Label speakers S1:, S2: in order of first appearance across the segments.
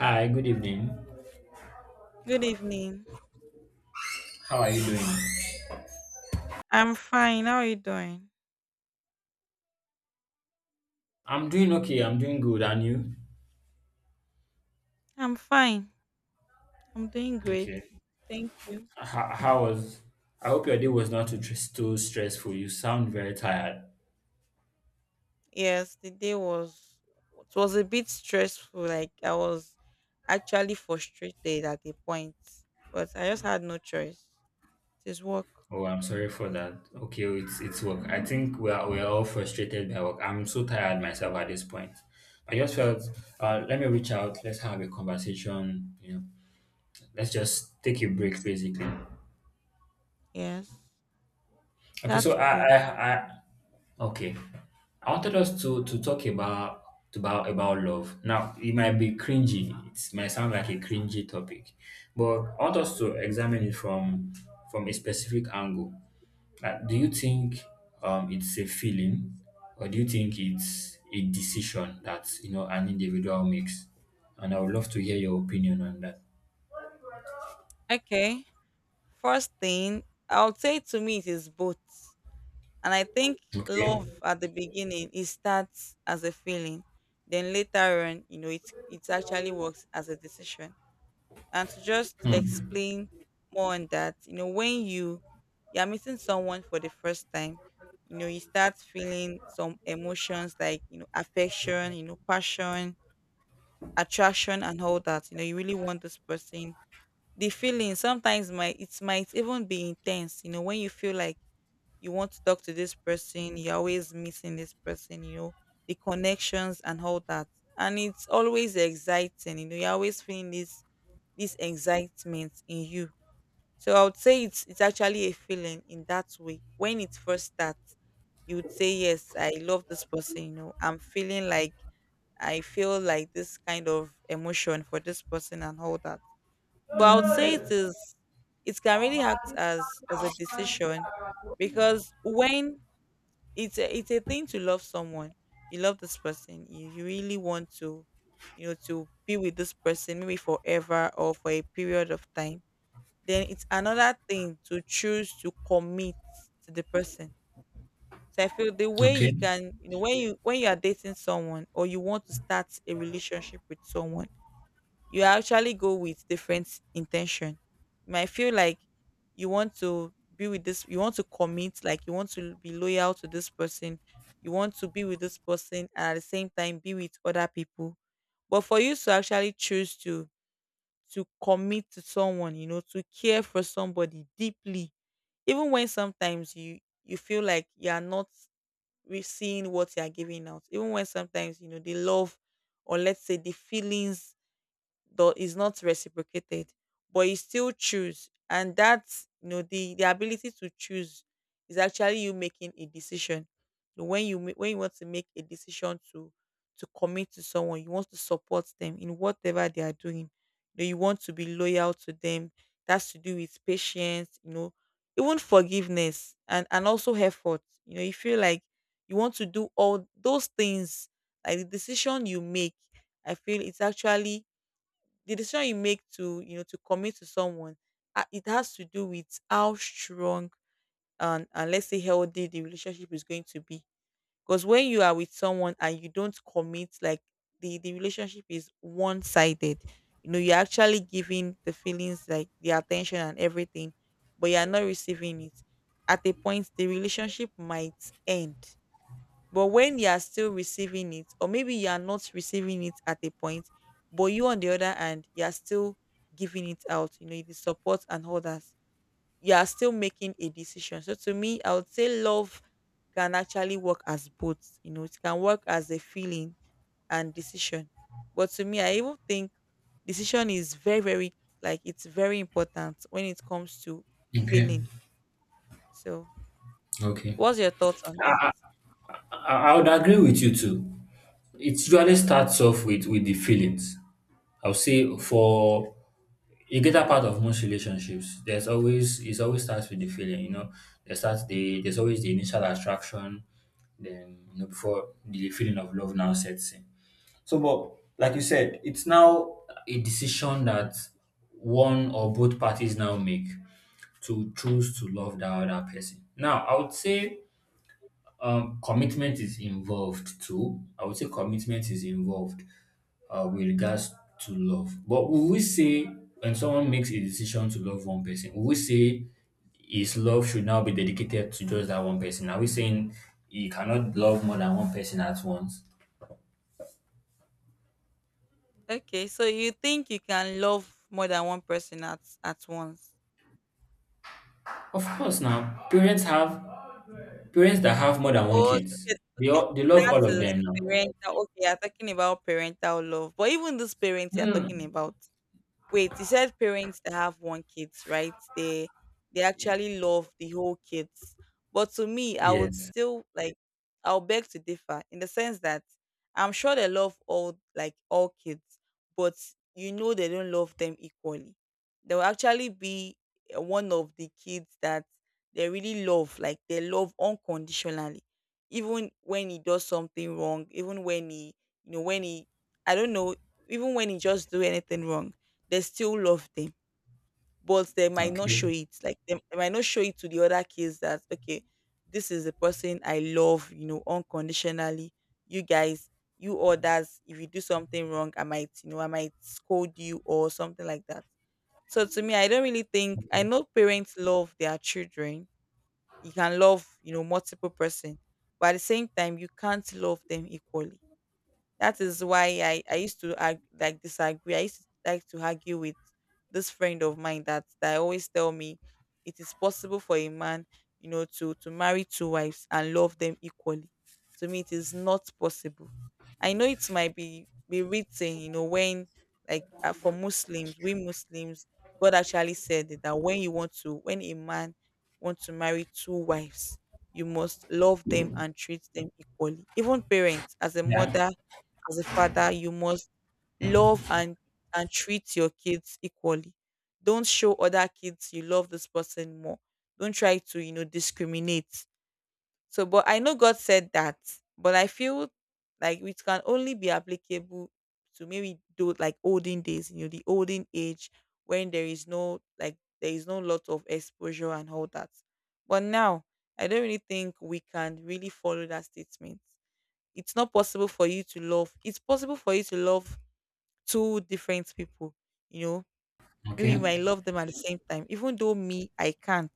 S1: Hi, good evening.
S2: Good evening.
S1: How are you doing?
S2: I'm fine. How are you doing?
S1: I'm doing okay. I'm doing good. And you?
S2: I'm fine. I'm doing great.
S1: Okay.
S2: Thank you.
S1: How was? I hope your day was not too stressful. You sound very tired.
S2: Yes, the day was it was a bit stressful. Like I was actually frustrated at a point, but I just had no choice. It is work.
S1: Oh, I'm sorry for that. Okay, oh, it's work. I think we are all frustrated by work. I'm so tired myself at this point. I just felt, Let me reach out. Let's have a conversation. Let's just take a break, basically.
S2: Yes,
S1: Okay,
S2: that's cool.
S1: I, Okay. I wanted us to talk about about love. Now it might be cringy. It might sound like a cringy topic, but I want us to examine it from a specific angle. Like, do you think it's a feeling, or do you think it's a decision that, you know, an individual makes? And I would love to hear your opinion on that.
S2: Okay. First thing, I would say to me it is both. And I think
S1: Okay.
S2: love at the beginning it starts as a feeling. Then later on, you know, it actually works as a decision. And to just
S1: Hmm.
S2: explain more on that, you know, when you are meeting someone for the first time, you know, you start feeling some emotions like you know affection, you know, passion, attraction, and all that. You know, you really want this person. The feeling sometimes might it might even be intense. You know, when you feel like you want to talk to this person, you're always missing this person, you know, the connections and all that. And it's always exciting, you know, you're always feeling this excitement in you. So I would say it's actually a feeling in that way. When it first starts, you would say, yes, I love this person. You know, I feel like this kind of emotion for this person and all that. But I would say it can really act as a decision because when it's a thing to love someone. You love this person. You really want to, you know, to be with this person maybe forever or for a period of time. Then it's another thing to choose to commit to the person. So I feel the way
S1: Okay.
S2: you can, you know, when you are dating someone or you want to start a relationship with someone, you actually go with different intention. You might feel like you want to be with this, you want to commit, like you want to be loyal to this person, you want to be with this person, and at the same time be with other people. But for you to actually choose to commit to someone, you know, to care for somebody deeply, even when sometimes you feel like you are not seeing what you are giving out, even when sometimes you know the love, or let's say the feelings, though is not reciprocated, but you still choose. And that's you know the ability to choose is actually you making a decision. When you want to make a decision to commit to someone, you want to support them in whatever they are doing. You want to be loyal to them. That's to do with patience, you know, even forgiveness and also effort. You know, you feel like you want to do all those things. Like the decision you make, I feel it's actually the decision you make to you know to commit to someone, it has to do with how strong and, let's say healthy the relationship is going to be. Because when you are with someone and you don't commit, like the relationship is one-sided, you know, you're actually giving the feelings, like the attention and everything, but you're not receiving it. At a point the relationship might end, but when you are still receiving it, or maybe you are not receiving it at a point, but you, on the other hand, you are still giving it out, you know, the support and others, you are still making a decision. So to me, I would say love can actually work as both. You know, it can work as a feeling and decision. But to me, I even think decision is very, very, like, it's very important when it comes to
S1: Okay.
S2: feeling. So
S1: Okay.
S2: what's your thoughts on that?
S1: I would agree with you too. It usually starts off with the feelings. I'll say for a greater part of most relationships, there's always it always starts with the feeling. You know, there's always the initial attraction. Then, you know, before the feeling of love now sets in. So, but like you said, it's now a decision that one or both parties now make to choose to love that other person. Now, I would say commitment is involved too. I would say commitment is involved with regards to love. But will we say when someone makes a decision to love one person, will we say his love should now be dedicated to just that one person? Are we saying he cannot love more than one person at once?
S2: Okay, so you think you can love more than one person at once?
S1: Of course, now parents have parents that have more than one
S2: Oh,
S1: kids.
S2: okay, okay.
S1: They love
S2: That
S1: all of
S2: is
S1: them now.
S2: parental. Okay, you're talking about parental love, but even this parents you're talking
S1: Hmm.
S2: about. Wait, you said parents that have one kids, right? They actually love the whole kids. But to me, I would
S1: Yes.
S2: still I'll beg to differ in the sense that I'm sure they love all kids, but you know they don't love them equally. There will actually be, one of the kids that they really love, like they love unconditionally. Even when he does something wrong, even when he you know when he I don't know, even when he just do anything wrong, they still love them, but they might not show
S1: Okay.
S2: it. Like they might not show it to the other kids that okay, this is the person I love, you know, unconditionally. You guys, you others, if you do something wrong, I might scold you or something like that. So to me, I don't really think, I know parents love their children. You can love, you know, multiple person, but at the same time, you can't love them equally. That is why I used to disagree. I used to like to argue with this friend of mine that, always tell me it is possible for a man, you know, to marry two wives and love them equally. To me, it is not possible. I know it might be written, you know, when like, for Muslims, we Muslims, God actually said it, that when a man wants to marry two wives, you must love them and treat them equally. Even parents, as a
S1: Yeah.
S2: mother, as a father, you must love and treat your kids equally. Don't show other kids you love this person more. Don't try to, you know, discriminate. So, but I know God said that, but I feel like it can only be applicable to maybe do like olden days, you know, the olden age when there is no lot of exposure and all that. But now I don't really think we can really follow that statement. It's not possible for you to love. It's possible for you to love two different people. You know, maybe you
S1: Okay.
S2: might love them at the same time. Even though, me, I can't.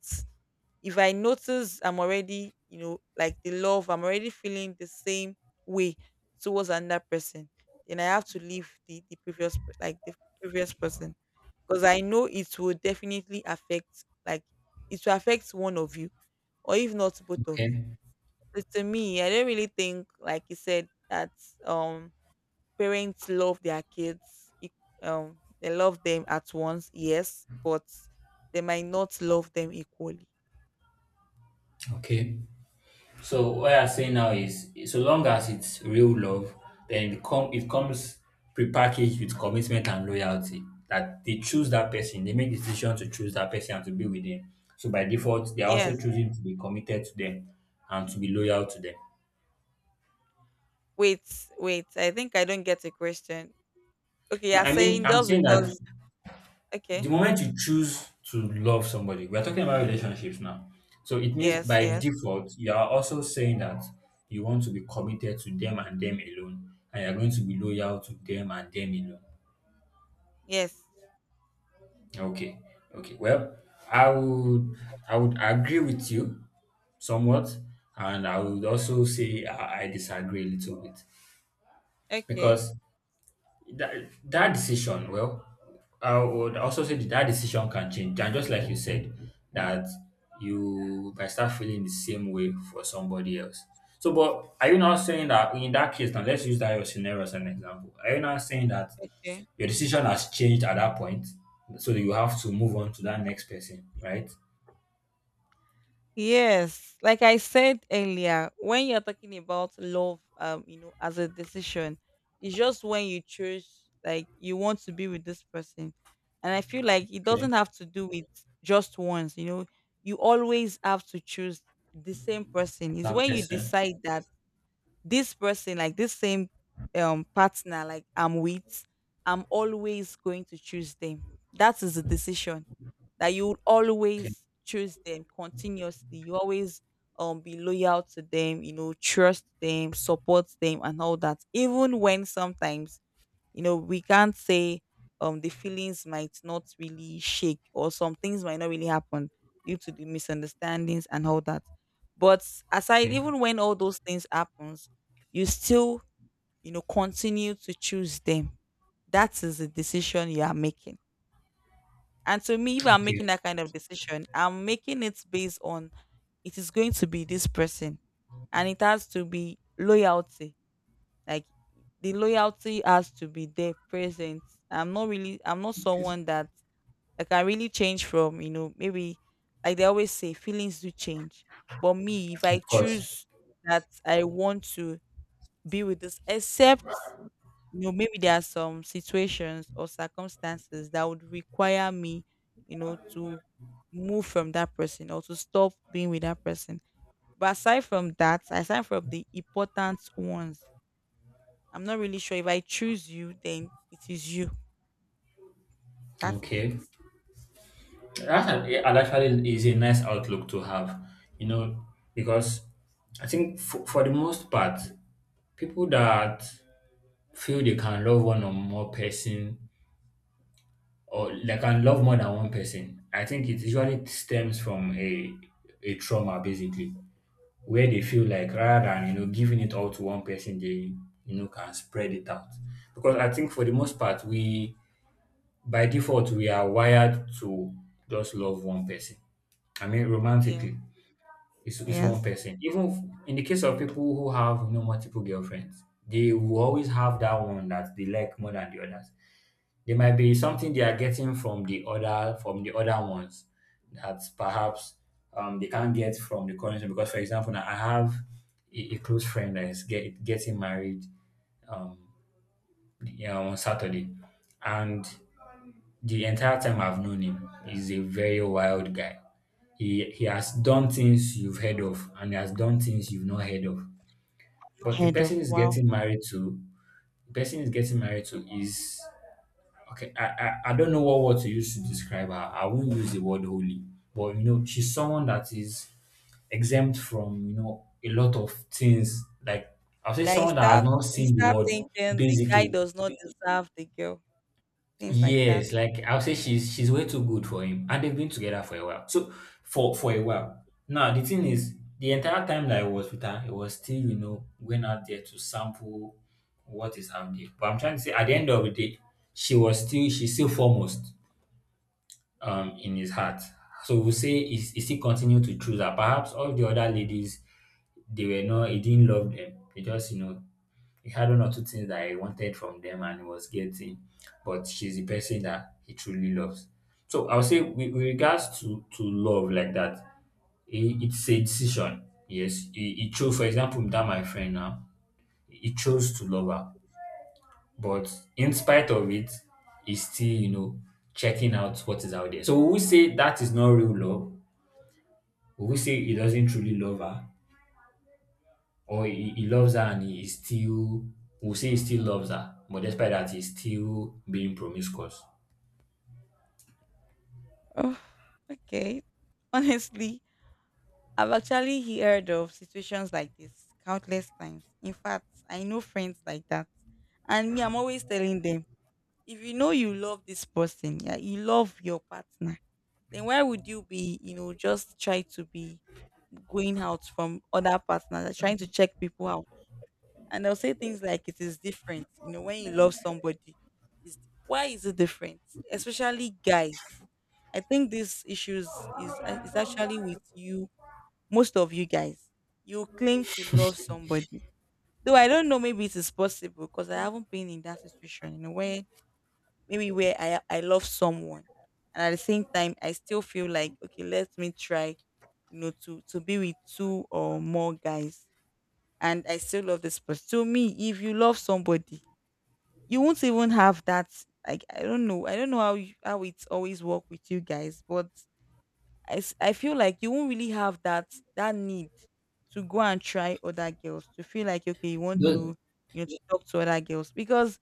S2: If I notice I'm already, you know, like the love, I'm already feeling the same way towards another person, then I have to leave the previous person, because I know it will definitely affect, like, it will affect one of you, or if not both of you.
S1: Okay.
S2: So to me, I don't really think, like you said, that um parents love their kids they love them at once, yes, but they might not love them equally.
S1: Okay. So what I'm saying now is, so long as it's real love, then it comes prepackaged with commitment and loyalty. That they choose that person, they make decision to choose that person and to be with them. So by default, they are also
S2: Yes.
S1: choosing to be committed to them and to be loyal to them.
S2: Wait, wait, I think I don't get a question. Okay,
S1: No,
S2: you're
S1: I mean,
S2: saying
S1: I'm
S2: just
S1: saying that
S2: because
S1: the
S2: okay.
S1: moment you choose to love somebody, we're talking about relationships now. So it means
S2: Yes,
S1: by
S2: yes,
S1: default, you are also saying that you want to be committed to them and them alone, and you're going to be loyal to them and them alone.
S2: yes.
S1: Okay, okay. Well, I would I would agree with you somewhat, and I would also say I disagree a little bit
S2: Okay,
S1: because that that decision, well, I would also say that decision can change, and just like you said that you might start feeling the same way for somebody else. So but are you now saying that, in that case, now let's use that your scenario as an example, are you now saying that
S2: okay.
S1: your decision has changed at that point, so that you have to move on to that next person, right?
S2: Yes, like I said earlier, when you're talking about love, you know, as a decision, it's just when you choose, like, you want to be with this person. And I feel like it
S1: Okay.
S2: doesn't have to do with just once. You know, you always have to choose the same person. It's
S1: that
S2: when you
S1: person
S2: decide that this person, like this same partner, like I'm with, I'm always going to choose them. That is the decision that you would
S1: Okay.
S2: always choose them continuously. You always be loyal to them, you know, trust them, support them and all that. Even when sometimes, you know, we can't say the feelings might not really shake or some things might not really happen due to the misunderstandings and all that. But aside,
S1: Okay.
S2: even when all those things happens, you still, you know, continue to choose them. That is the decision you are making. And to me, if I'm
S1: Okay.
S2: making that kind of decision, I'm making it based on it is going to be this person, and it has to be loyalty. Like the loyalty has to be there present. I'm not someone that I can really change from, you know, maybe like they always say, feelings do change. But me, if I
S1: Of course.
S2: choose that I want to be with this, except you know maybe there are some situations or circumstances that would require me you know to move from that person or to stop being with that person, but aside from that, aside from the important ones, I'm not really sure, if I choose you, then it is you. That is it.
S1: Okay. That's an actually is a nice outlook to have, you know, because I think for the most part, people that feel they can love one or more person, or they can love more than one person, I think it usually stems from a trauma, basically, where they feel like, rather than, you know, giving it all to one person, they, you know, can spread it out. Because I think for the most part, we, by default, we are wired to just love one person. I mean
S2: Yes,
S1: romantically. It's one
S2: yes.
S1: person. Even in the case of people who have, you know, multiple girlfriends, they will always have that one that they like more than the others. There might be something they are getting from the other, from the other ones, that perhaps they can't get from the current one. Because for example, now I have a close friend that is getting married, um, yeah, on Saturday, and the entire time I've known him, he's a very wild guy. He has done things you've heard of, and he has done things you've not heard of. But the
S2: Head
S1: person
S2: of
S1: he's
S2: wow,
S1: getting married to, is okay. I don't know what word to use to describe her. I won't use the word holy, but you know, she's someone that is exempt from, you know, a lot of things. Like I'll say
S2: that you
S1: someone that has
S2: start
S1: not
S2: you
S1: seen the
S2: start
S1: world,
S2: thinking the guy
S1: basically.
S2: does not deserve the girl, things like that.
S1: Yes, like I'll say she's way too good for him, and they've been together for a while. So for a while. Now the thing is, the entire time that I was with her, it was still, you know, going out there to sample what is out there. But I'm trying to say, at the end of the day, she's still foremost in his heart. So we say is he still continued to choose her. Perhaps all the other ladies, they were not he didn't love them. He just, you know, he had one or two things that he wanted from them and he was getting, but she's the person that he truly loves. So I would say, with regards to love like that, it's a decision. Yes, he chose, for example, that my friend now, he chose to love her, but in spite of it, he's still, you know, checking out what is out there. So will we say that is not real love? Will we say he doesn't truly love her? Or he loves her and he still, will say he still loves her, but despite that, he's still being promiscuous.
S2: Oh, okay. Honestly, I've actually heard of situations like this countless times. In fact, I know friends like that. And me, I'm always telling them, if you know you love this person, yeah, you love your partner, then why would you be, just try to be going out from other partners, like trying to check people out? And they'll say things like it is different. When you love somebody, it's, why is it different? Especially guys. I think these issues is actually with you, most of you guys, you claim to love somebody. Though I don't know, maybe it is possible because I haven't been in that situation, where maybe where I love someone, and at the same time I still feel like, okay, let me try, to be with two or more guys, and I still love this person. To me, if you love somebody, you won't even have that. Like, I don't know how how it's always work with you guys, but I feel like you won't really have that need to go and try other girls, to feel like, okay, you want to, to talk to other girls, because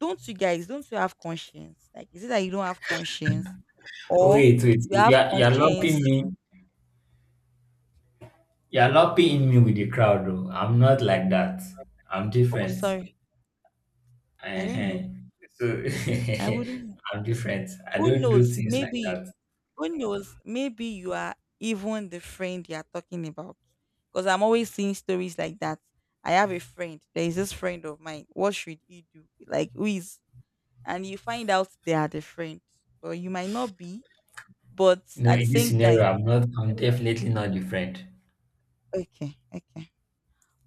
S2: don't you have conscience? Like, is it that you don't have conscience
S1: Oh,
S2: or
S1: wait, wait,
S2: you have conscience?
S1: you're lumping in me with the crowd, though. I'm not like that. I'm
S2: Oh,
S1: different.
S2: sorry. I
S1: uh
S2: don't know.
S1: So
S2: I wouldn't know.
S1: I'm different. I
S2: who
S1: don't do
S2: knows
S1: things like
S2: maybe
S1: that.
S2: Who knows? Maybe you are even the friend you are talking about. Because I'm always seeing stories like that. I have a friend. There is this friend of mine. What should you do? Like, who is? And you find out they are the friend. But you might not be. But
S1: You know,
S2: at the
S1: in this
S2: same
S1: scenario,
S2: time,
S1: I'm not. I'm definitely not different.
S2: okay, okay.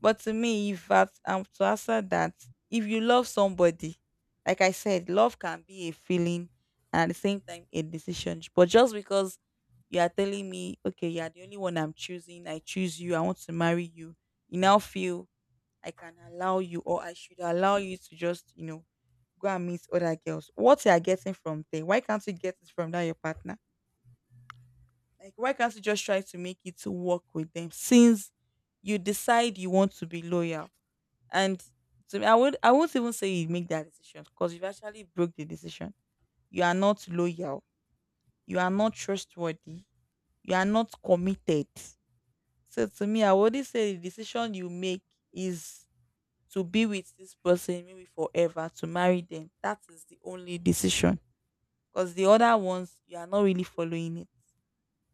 S2: But to me, if I, I'm to answer that, if you love somebody, like I said, love can be a feeling and at the same time a decision. But just because you are telling me, okay, you are the only one I'm choosing, I choose you, I want to marry you, you now feel I can allow you, or I should allow you to just, you know, go and meet other girls. What you are getting from them? Why can't you get it from that your partner? Like, why can't you just try to make it to work with them, since you decide you want to be loyal? And to me, I won't even say you make that decision, because you've actually broke the decision. You are not loyal. You are not trustworthy. You are not committed. So to me, I wouldn't say the decision you make is to be with this person maybe forever, to marry them. That is the only decision. Because the other ones, you are not really following it.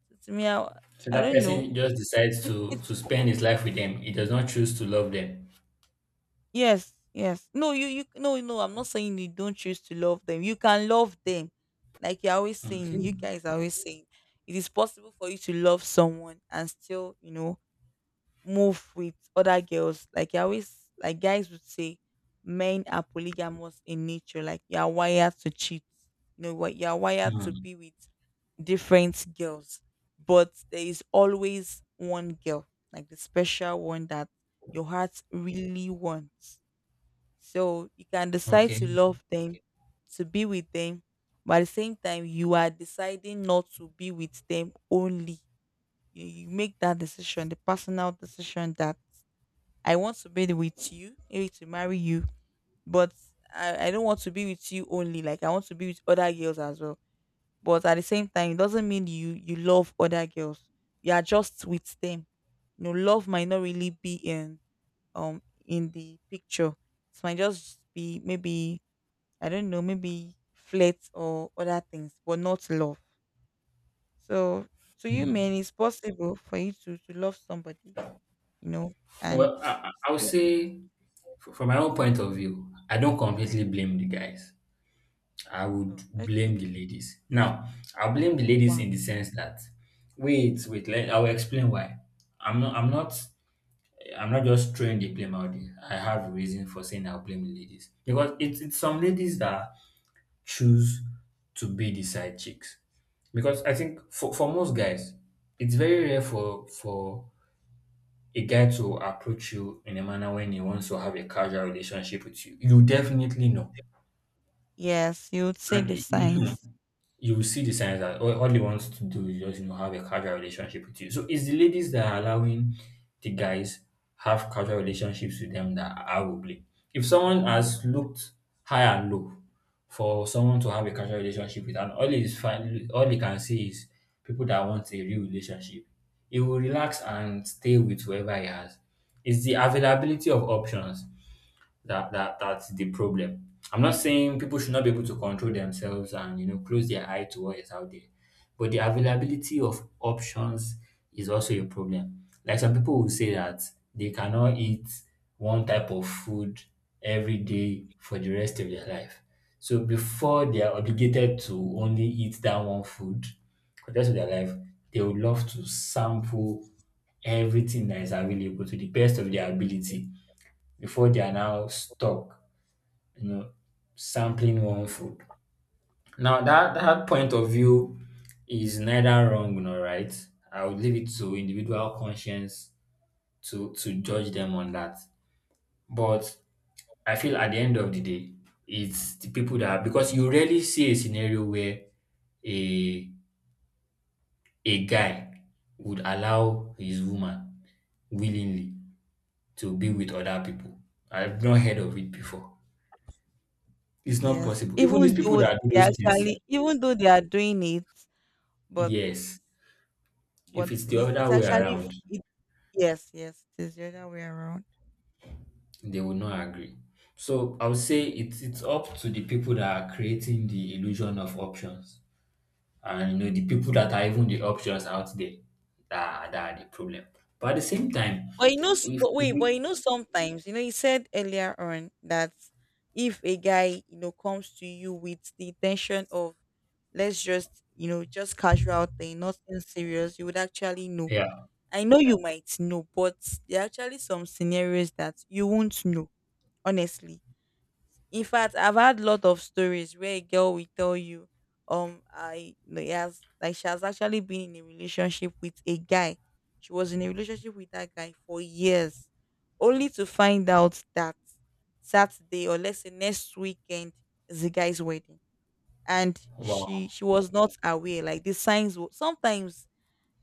S2: So to me, I,
S1: So
S2: I
S1: that
S2: don't know.
S1: person just decides
S2: It's
S1: to spend his life with them. He does not choose to love them.
S2: Yes, yes. No, no, no. I'm not saying you don't choose to love them. You can love them, like you're always saying. You
S1: Okay.
S2: guys are always saying it is possible for you to love someone and still, you know, move with other girls. Like you always, like guys would say, men are polygamous in nature. Like you are wired to cheat. You know what? You are wired to
S1: Hmm.
S2: be with different girls, but there is always one girl, like the special one that your heart really wants, so you can decide to
S1: Okay.
S2: love them, to be with them, but at the same time, you are deciding not to be with them only. You make that decision, the personal decision that I want to be with you, maybe to marry you, but I don't want to be with you only. Like, I want to be with other girls as well. But at the same time, it doesn't mean you love other girls. You are just with them. You know, love might not really be in the picture. It might just be, maybe, I don't know, maybe flirts or other things, but not love. So to you
S1: Mm.
S2: men, it's possible for you to, love somebody, you know, and
S1: Well, I I would
S2: still be with-
S1: say, from my own point of view, I don't completely blame the guys. I
S2: oh,
S1: would
S2: okay.
S1: blame the ladies. Now, I blame the ladies
S2: Wow.
S1: in the sense that, wait, wait, I will explain why. I'm not, I'm not, I'm not just throwing the blame out there. I have reason for saying I'll blame the ladies, because it's some ladies that choose to be the side chicks, because I think for most guys, it's very rare for a guy to approach you in a manner when he wants to have a casual relationship with you. You definitely know.
S2: Yes, you would say
S1: And
S2: the signs.
S1: you will see the signs that all he wants to do is just, you know, have a casual relationship with you. So it's the ladies that are allowing the guys have casual relationships with them that I will blame. If someone has looked high and low for someone to have a casual relationship with, and all is fine, all he can see is people that want a real relationship, he will relax and stay with whoever he has. It's the availability of options that that's the problem. I'm not saying people should not be able to control themselves and, you know, close their eye to what is out there, but the availability of options is also a problem. Like some people will say that they cannot eat one type of food every day for the rest of their life. So before they are obligated to only eat that one food for the rest of their life, they would love to sample everything that is available to the best of their ability before they are now stuck, you know, sampling one food. Now that that point of view is neither wrong nor right. I would leave it to individual conscience to judge them on that. But I feel at the end of the day, it's the people that are, because you rarely see a scenario where a a guy would allow his woman willingly to be with other people. I've not heard of it before. It's not
S2: Yes.
S1: possible. Even these people that do those things,
S2: Even though they are doing it, but
S1: yes, if it's the
S2: it's,
S1: other
S2: it's
S1: way
S2: actually
S1: around,
S2: it, yes, yes, it is the other way around.
S1: they will not agree. So I would say it's up to the people that are creating the illusion of options, and, you know, the people that are even the options out there that are the problem. But at the same time,
S2: But
S1: if
S2: wait,
S1: we-
S2: sometimes, you said earlier on that if a guy, comes to you with the intention of, let's just, just casual thing, nothing serious, you would actually know.
S1: yeah,
S2: I know you might know, but there are actually some scenarios that you won't know, honestly. In fact, I've had lot of stories where a girl will tell you, I no, he has like she has actually been in a relationship with a guy. She was in a relationship with that guy for years, only to find out that Saturday, or let's say next weekend, is the guy's wedding, and she
S1: wow.
S2: she was not aware. Sometimes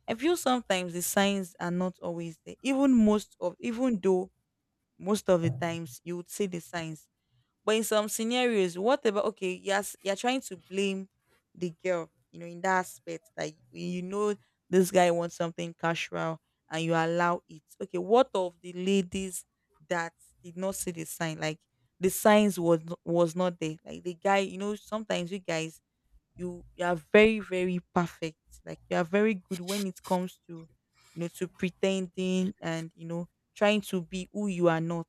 S2: I feel sometimes the signs are not always there. Even though most of the times you would see the signs, but in some scenarios, what about, okay, yes, you're trying to blame the girl, in that aspect that, you know this guy wants something casual and you allow it. Okay, what of the ladies that did not see the sign? Like, the signs was not there. Like, the guy, sometimes you guys, you are very very perfect, like you are very good when it comes to, to pretending, and, trying to be who you are not.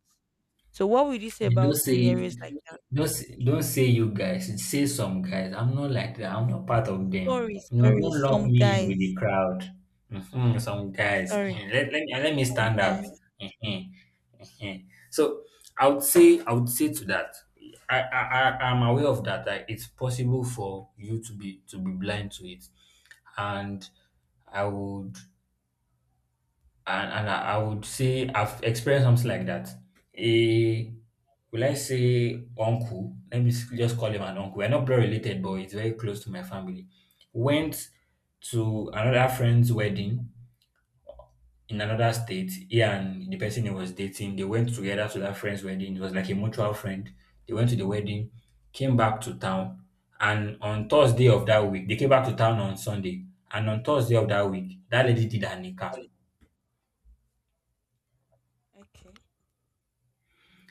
S2: So what would you say
S1: And
S2: about scenarios like that?
S1: don't say you guys. Say some guys. I'm not like that. I'm not part of them.
S2: sorry
S1: You know,
S2: sorry
S1: don't lump
S2: some
S1: me in with the
S2: guys.
S1: crowd. Mhm, some guys.
S2: Sorry,
S1: Let me
S2: some
S1: stand out.
S2: guys.
S1: Mhm, mhm. So I would say to that. I'm aware of that. Like it's possible for you to be blind to it, and I would I would say I've experienced something like that. A, will I say uncle? Let me just call him an uncle. We're not blood related, but he's very close to my family. Went to another friend's wedding in another state. He and the person he was dating, they went together to that friend's wedding. It was like a mutual friend. They went to the wedding, came back to town, and on Thursday of that week, they came back to town on Sunday. And on Thursday of that week, that lady did her nikah.
S2: Okay.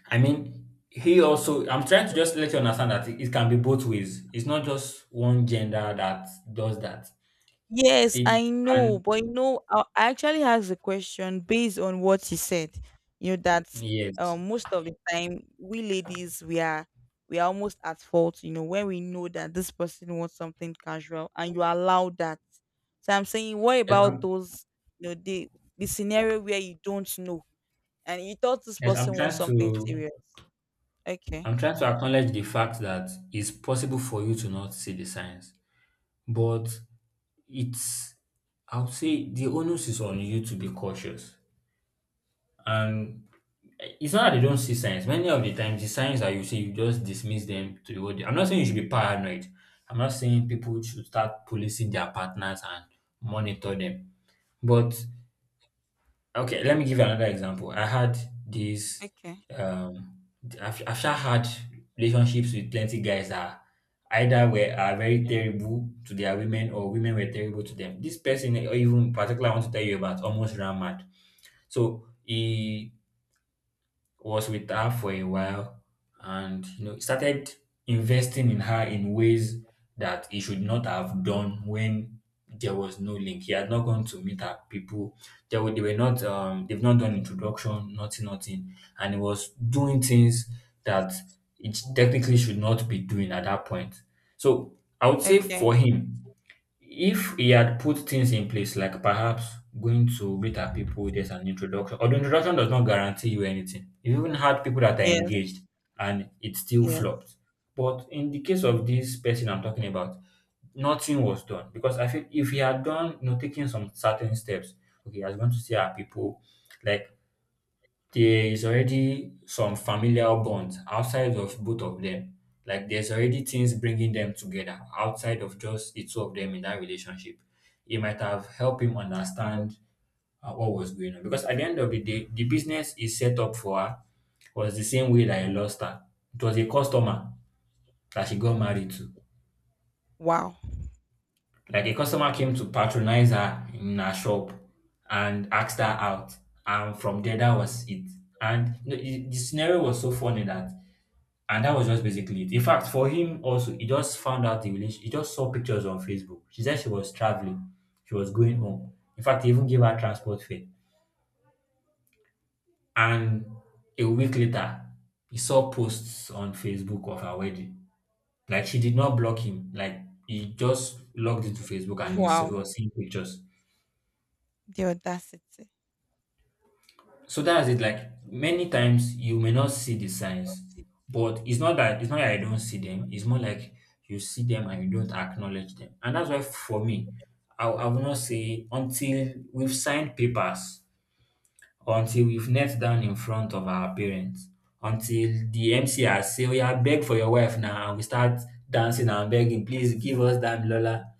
S1: He also, I'm trying to just let you understand that it can be both ways. It's not just one gender that does that.
S2: Yes,
S1: It,
S2: I know,
S1: and
S2: but I actually asked the question based on what he said. You know that,
S1: yes,
S2: most of the time, we ladies, we are almost at fault. You know when we know that this person wants something casual and you allow that. So I'm saying, what
S1: yes,
S2: about
S1: I'm,
S2: those? You know the scenario where you don't know, and you thought this
S1: yes,
S2: person wants something serious. Okay,
S1: I'm trying to acknowledge the fact that it's possible for you to not see the signs, but it's, I would say the onus is on you to be cautious. And it's not that they don't see signs. Many of the times, the signs that you see, you just dismiss them to the whole. I'm not saying you should be paranoid. I'm not saying people should start policing their partners and monitor them. But okay, let me give you another example. I had this.
S2: okay,
S1: Um, I've sha had relationships with plenty guys that either were are very terrible to their women, or women were terrible to them. This person, or even particular, I want to tell you about, almost ran mad. So he was with her for a while and you know started investing in her in ways that he should not have done, when there was no link. He had not gone to meet her people. They were not they've not done introduction, nothing, nothing. And he was doing things that it technically should not be doing at that point. So I would say for
S2: okay.
S1: him, if he had put things in place, like perhaps going to meet our people, there's an introduction, although introduction does not guarantee you anything. You even had people that are
S2: Yes,
S1: engaged and it still
S2: yes.
S1: flopped. But in the case of this person I'm talking about, nothing was done, because I feel if he had done, you know, taking some certain steps, okay, I was going to see our people, like there is already some familial bonds outside of both of them. Like there's already things bringing them together outside of just the two of them in that relationship. It might have helped him understand what was going on, because at the end of the day, the business is set up for her was the same way that I lost her. It was a customer that she got married to.
S2: Wow.
S1: Like a customer came to patronize her in her shop and asked her out, and from there that was it. And the scenario was so funny that, and that was just basically it. In fact, for him also, he just found out the relation. He just saw pictures on Facebook. She said she was traveling, she was going home. In fact, he even gave her transport fare. And a week later, he saw posts on Facebook of her wedding. Like she did not block him. Like he just logged into Facebook and he
S2: Wow.
S1: was seeing pictures.
S2: The audacity.
S1: So that's it. Like many times you may not see the signs, but it's not that I don't see them. It's more like you see them and you don't acknowledge them. And that's why for me, I will not say until we've signed papers, or until we've knelt down in front of our parents, until the MC has say, oh yeah, beg for your wife now, and we start dancing and begging, please give us that Lola.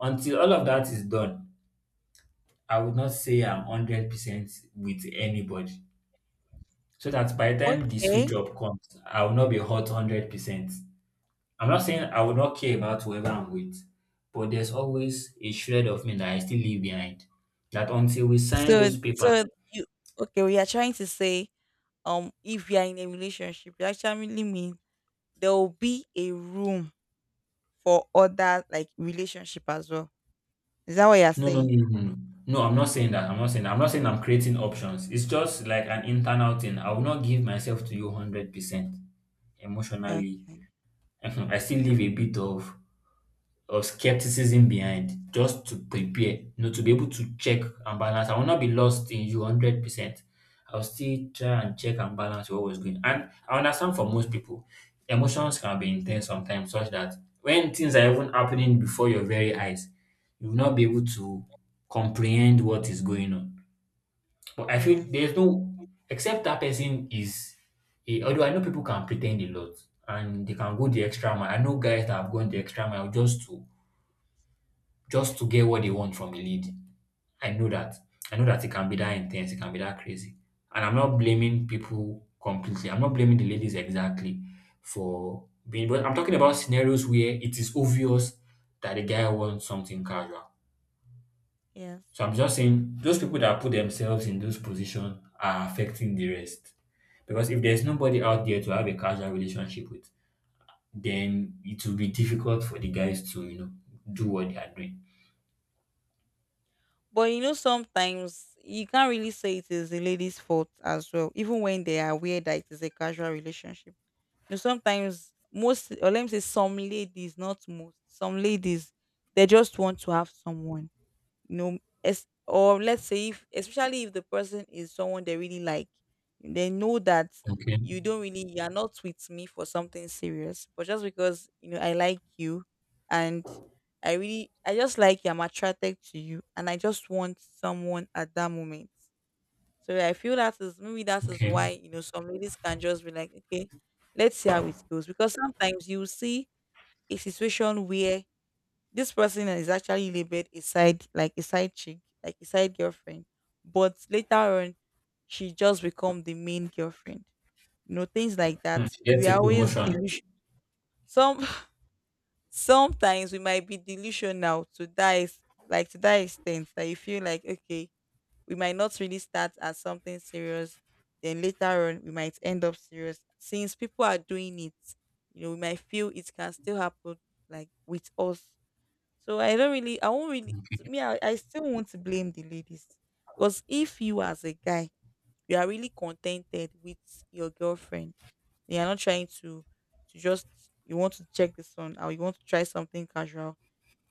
S1: Until all of that is done, I would not say I'm 100% with anybody, so that by the time the sweet
S2: Okay.
S1: job comes, I will not be hot 100%. I'm not saying I will not care about whoever I'm with, but there's always a shred of me that I still leave behind. That until we sign
S2: So
S1: those papers,
S2: so you okay, we are trying to say, if you are in a relationship, you actually mean there will be a room for other, like, relationship as well. Is that what you're
S1: no, no,
S2: saying?
S1: no, no, no. No, I'm not saying that. I'm not saying that. I'm not saying I'm creating options. It's just like an internal thing. I will not give myself to you 100% emotionally.
S2: Okay.
S1: I still leave a bit of or skepticism behind just to prepare, you know, to be able to check and balance. I will not be lost in you 100%. I'll still try and check and balance what was going. And I understand for most people, emotions can be intense sometimes, such that when things are even happening before your very eyes, you will not be able to comprehend what is going on. But I feel
S2: Yes.
S1: there's no, except that person is, a, although I know people can pretend a lot and they can go the extra mile. I know guys that have gone the extra mile just to get what they want from a lead. I know that. I know that it can be that intense, it can be that crazy. And I'm not blaming people completely. I'm not blaming the ladies exactly for being, but I'm talking about scenarios where it is obvious that the guy wants something casual.
S2: Yes.
S1: So I'm just saying those people that put themselves in those positions are affecting the rest. Because if there's nobody out there to have a casual relationship with, then it will be difficult for the guys to, you know, do what they are doing.
S2: But, sometimes you can't really say it is the lady's fault as well, even when they are aware that it is a casual relationship. Sometimes most, or let me say some ladies, not most, some ladies, they just want to have someone, you know as, or let's say if, especially if the person is someone they really like, they know that,
S1: Okay.
S2: you don't really you're not with me for something serious, but just because, I like you. And I just like you, I'm attracted to you, and I just want someone at that moment. So I feel, that is maybe that is why,
S1: Okay.
S2: some ladies can just be like, okay, let's see how it goes, because sometimes you see a situation where this person is actually labeled a side, like a side chick, like a side girlfriend, but later on, she just become the main girlfriend. You know, things like that,
S1: Mm, she
S2: we
S1: gets
S2: are
S1: a
S2: always
S1: promotion.
S2: delusion. Some Sometimes we might be delusional, to that is like to that extent, that you feel like, okay, we might not really start as something serious, then later on we might end up serious, since people are doing it, we might feel it can still happen, like with us. So I don't really, I won't really, to me, I still want to blame the ladies. Because if you as a guy, you are really contented with your girlfriend, you are not trying to, to just, you want to check this on, or you want to try something casual,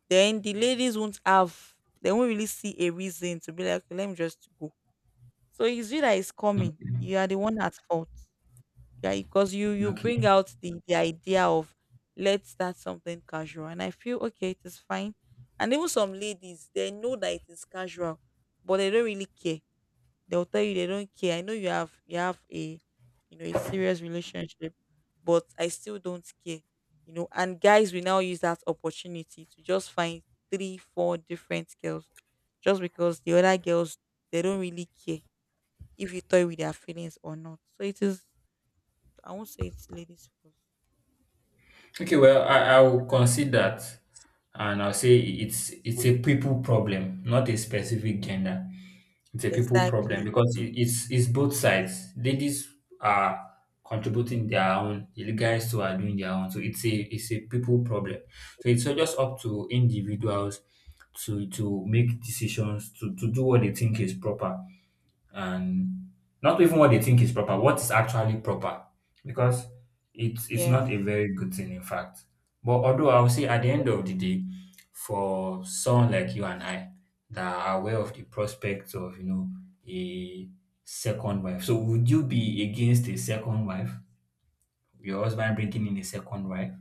S2: then they won't really see a reason to be like, "Okay, let me just go." So it's you that is
S1: Mm,
S2: coming. You are the one at fault, yeah, because you bring
S1: okay.
S2: out the idea of, let's start something casual, and I feel, okay, it is fine. And even some ladies, they know that it is casual, but they don't really care. They'll tell you they don't care. I know you have a, a serious relationship, but I still don't care, and guys will now use that opportunity to just find three four different girls, just because the other girls, they don't really care if you toy with their feelings or not. So it is, I won't say it's ladies first.
S1: Okay, well, I will concede that, and I'll say it's a people problem, not a specific gender. It's a people problem
S2: Exactly.
S1: because it's both sides. Ladies are contributing their own, the guys too are doing their own. So it's a people problem. So it's just up to individuals to make decisions to do what they think is proper, and not even what they think is proper, what is actually proper, because it's not
S2: Yes.
S1: a very good thing, in fact. But although I would say at the end of the day, for someone like you and I that are aware of the prospects of, you know, a second wife, so would you be against a second wife? Your husband bringing in a second wife?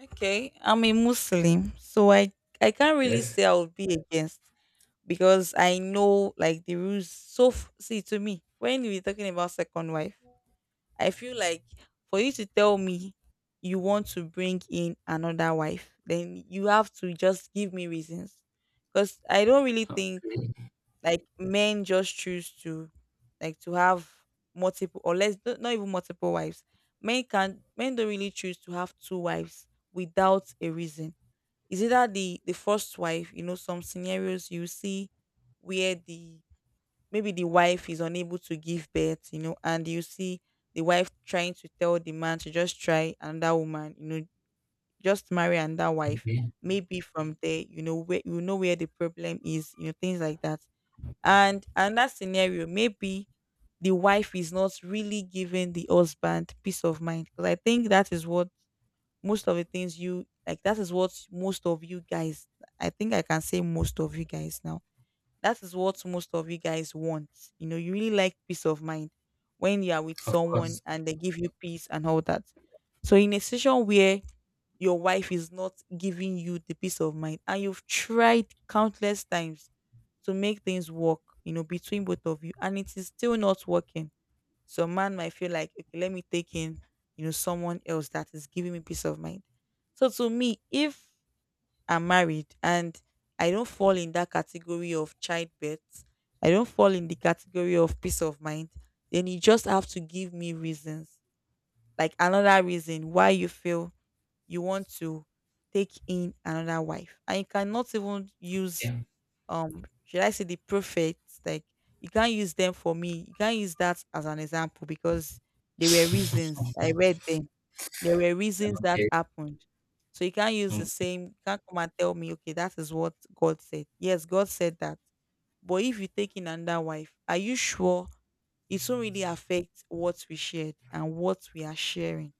S2: Okay. I'm a Muslim, so I can't really
S1: Yes.
S2: say I would be against, because I know, like, the rules. So see, to me, when we're talking about second wife, I feel like for you to tell me you want to bring in another wife, then you have to just give me reasons because I don't really think like men just choose to like to have multiple or less, not even multiple wives. Men don't really choose to have two wives without a reason. Is either the first wife, you know, some scenarios you see where the maybe the wife is unable to give birth, and you see the wife trying to tell the man to just try another woman, just marry another wife.
S1: Okay.
S2: Maybe from there, you know where the problem is, you know, things like that. And another scenario, maybe the wife is not really giving the husband peace of mind. Because I think that is what most of the things you like, that is what most of you guys, I think I can say most of you guys now, that is what most of you guys want. You know, you really like peace of mind when you are with
S1: Of course.
S2: someone and they give you peace and all that. So in a situation where your wife is not giving you the peace of mind and you've tried countless times to make things work, between both of you and it is still not working, so man might feel like, okay, let me take in, someone else that is giving me peace of mind. So to me, if I'm married and I don't fall in that category of childbirth, I don't fall in the category of peace of mind, then you just have to give me reasons, like another reason why you feel you want to take in another wife. And you cannot even use
S1: Yeah.
S2: should I say the prophets, like you can't use them for me, you can't use that as an example because there were reasons, I read them, there were reasons that
S1: okay.
S2: happened. So you can't use the
S1: Okay.
S2: same, you can't come and tell me, okay, that is what God said. Yes, God said that, but if you take in another wife, are you sure it won't really affect what we shared and what we are sharing?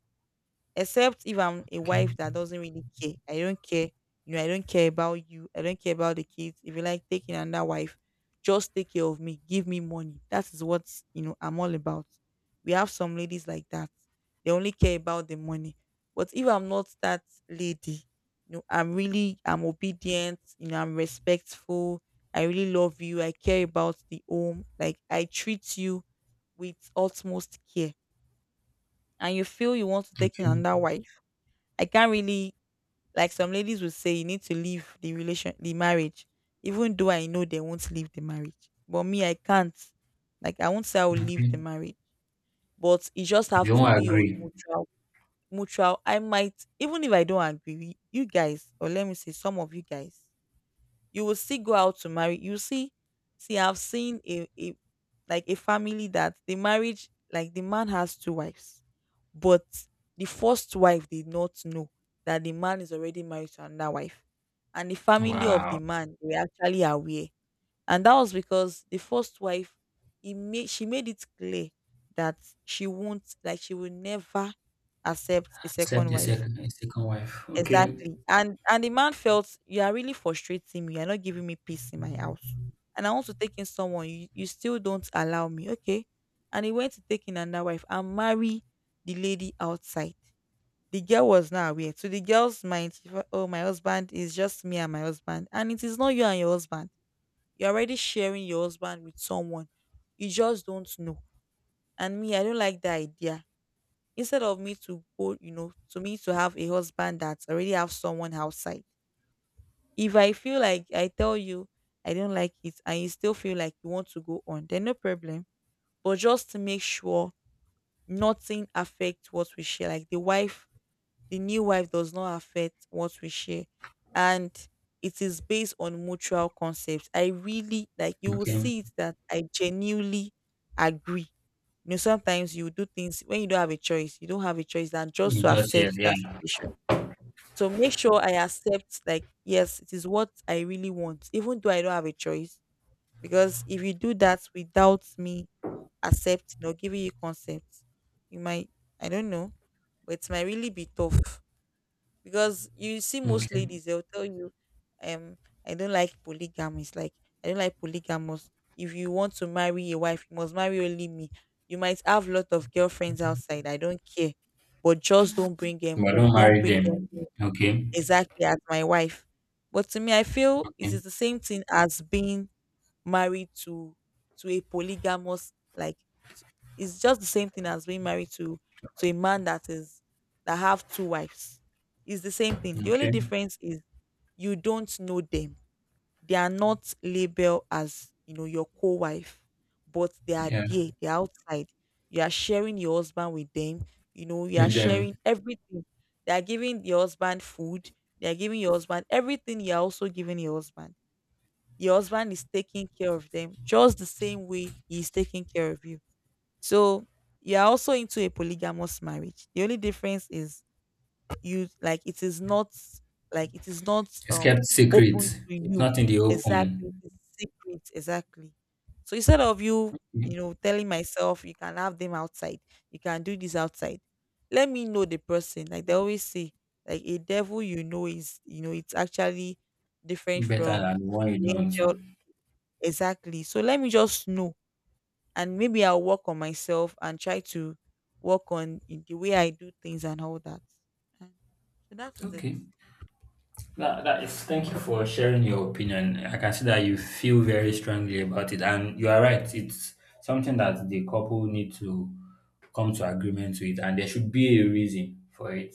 S2: Except if I'm a
S1: Okay.
S2: wife that doesn't really care. I don't care. You know, I don't care about you. I don't care about the kids. If you like taking another wife, just take care of me. Give me money. That is what, I'm all about. We have some ladies like that. They only care about the money. But if I'm not that lady, you know, I'm obedient, you know, I'm respectful. I really love you. I care about the home. Like I treat you with utmost care. And you feel you want to take in
S1: Okay.
S2: another wife. I can't really, like some ladies would say you need to leave the marriage, even though I know they won't leave the marriage. But me, I can't. Like I won't say I will leave
S1: Okay.
S2: the marriage. But it just
S1: We
S2: have to
S1: all
S2: be on
S1: agree.
S2: mutual. I might, even if I don't agree, you guys, or let me say some of you guys, you will still go out to marry. You see, see, I've seen a like a family that the marriage, like the man has two wives, but the first wife did not know that the man is already married to another wife. And the family of the
S1: Wow.
S2: man were actually aware. And that was because the first wife, he made she made it clear that she won't, like she will never accept a
S1: Except
S2: second wife.
S1: a second wife. Okay.
S2: Exactly. And the man felt, you are really frustrating me. You're not giving me peace in my house. And I want to take in someone. You still don't allow me. Okay. And he went to take in another wife and marry the lady outside. The girl was not aware. To the girl's mind, she thought, oh, my husband is just me and my husband. And it is not you and your husband. You're already sharing your husband with someone. You just don't know. And me, I don't like the idea. Instead of me to go, you know, to me to have a husband that already have someone outside, if I feel like I tell you I don't like it and you still feel like you want to go on, then no problem. But just to make sure nothing affects what we share. Like the new wife does not affect what we share. And it is based on mutual concepts. I really like you will
S1: Okay.
S2: see it that I genuinely agree. You know, sometimes you do things when you don't have a choice, you don't have a choice than just to
S1: Just yes,
S2: accept
S1: yeah.
S2: that situation. So make sure I accept, like, yes, it is what I really want, even though I don't have a choice. Because if you do that without me accepting or giving you consent, you might, I don't know, but it might really be tough. Because you see, most
S1: Okay.
S2: ladies, they'll tell you, um, I don't like polygamy. It's like, I don't like polygamous. If you want to marry a wife, you must marry only me. You might have lot of girlfriends outside. I don't care. But just don't bring them
S1: But
S2: home.
S1: don't
S2: Don't
S1: marry
S2: bring them
S1: them.
S2: in
S1: Okay.
S2: exactly as my wife. But to me, I feel it
S1: Okay.
S2: is the same thing as being married to a polygamous, like s- it's just the same thing as being married to a man that is that have two wives. It's the same thing. The only
S1: Okay.
S2: difference is you don't know them, they are not labeled as, your co-wife, but they are
S1: Yeah.
S2: there, they're outside. You are sharing your husband with them, you are
S1: With them.
S2: sharing everything. They are giving your husband food, they are giving your husband everything you're also giving your husband. Your husband is taking care of them just the same way he is taking care of you. So you're also into a polygamous marriage. The only difference is you like it is not, like it is not
S1: It's
S2: um
S1: kept secret.
S2: open to
S1: It's
S2: you.
S1: not in the
S2: Exactly,
S1: open.
S2: it's secret. Exactly. So instead of you, you know telling myself you can have them outside, you can do this outside, let me know the person. Like they always say, like a devil, you know, is, it's actually different
S1: Better than
S2: from
S1: the one you
S2: the angel.
S1: don't.
S2: Exactly. So let me just know and maybe I'll work on myself and try to work on the way I do things and all that. And so that is it.
S1: Okay. Thank you for sharing your opinion. I can see that you feel very strongly about it, and you are right. It's something that the couple need to come to agreement with, and there should be a reason for it.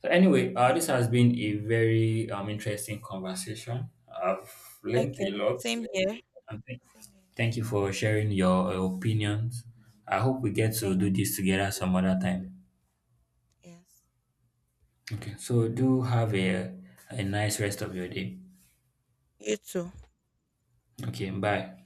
S1: So, anyway, this
S2: Yeah.
S1: has been a very interesting conversation. I've learned
S2: Okay.
S1: a lot,
S2: Same here.
S1: and
S2: Same here.
S1: thank you for sharing your opinions. I hope we get to
S2: Thank
S1: do
S2: you.
S1: this together some other time.
S2: Yes.
S1: Okay, so do have a nice rest of your day.
S2: You too.
S1: Okay, bye.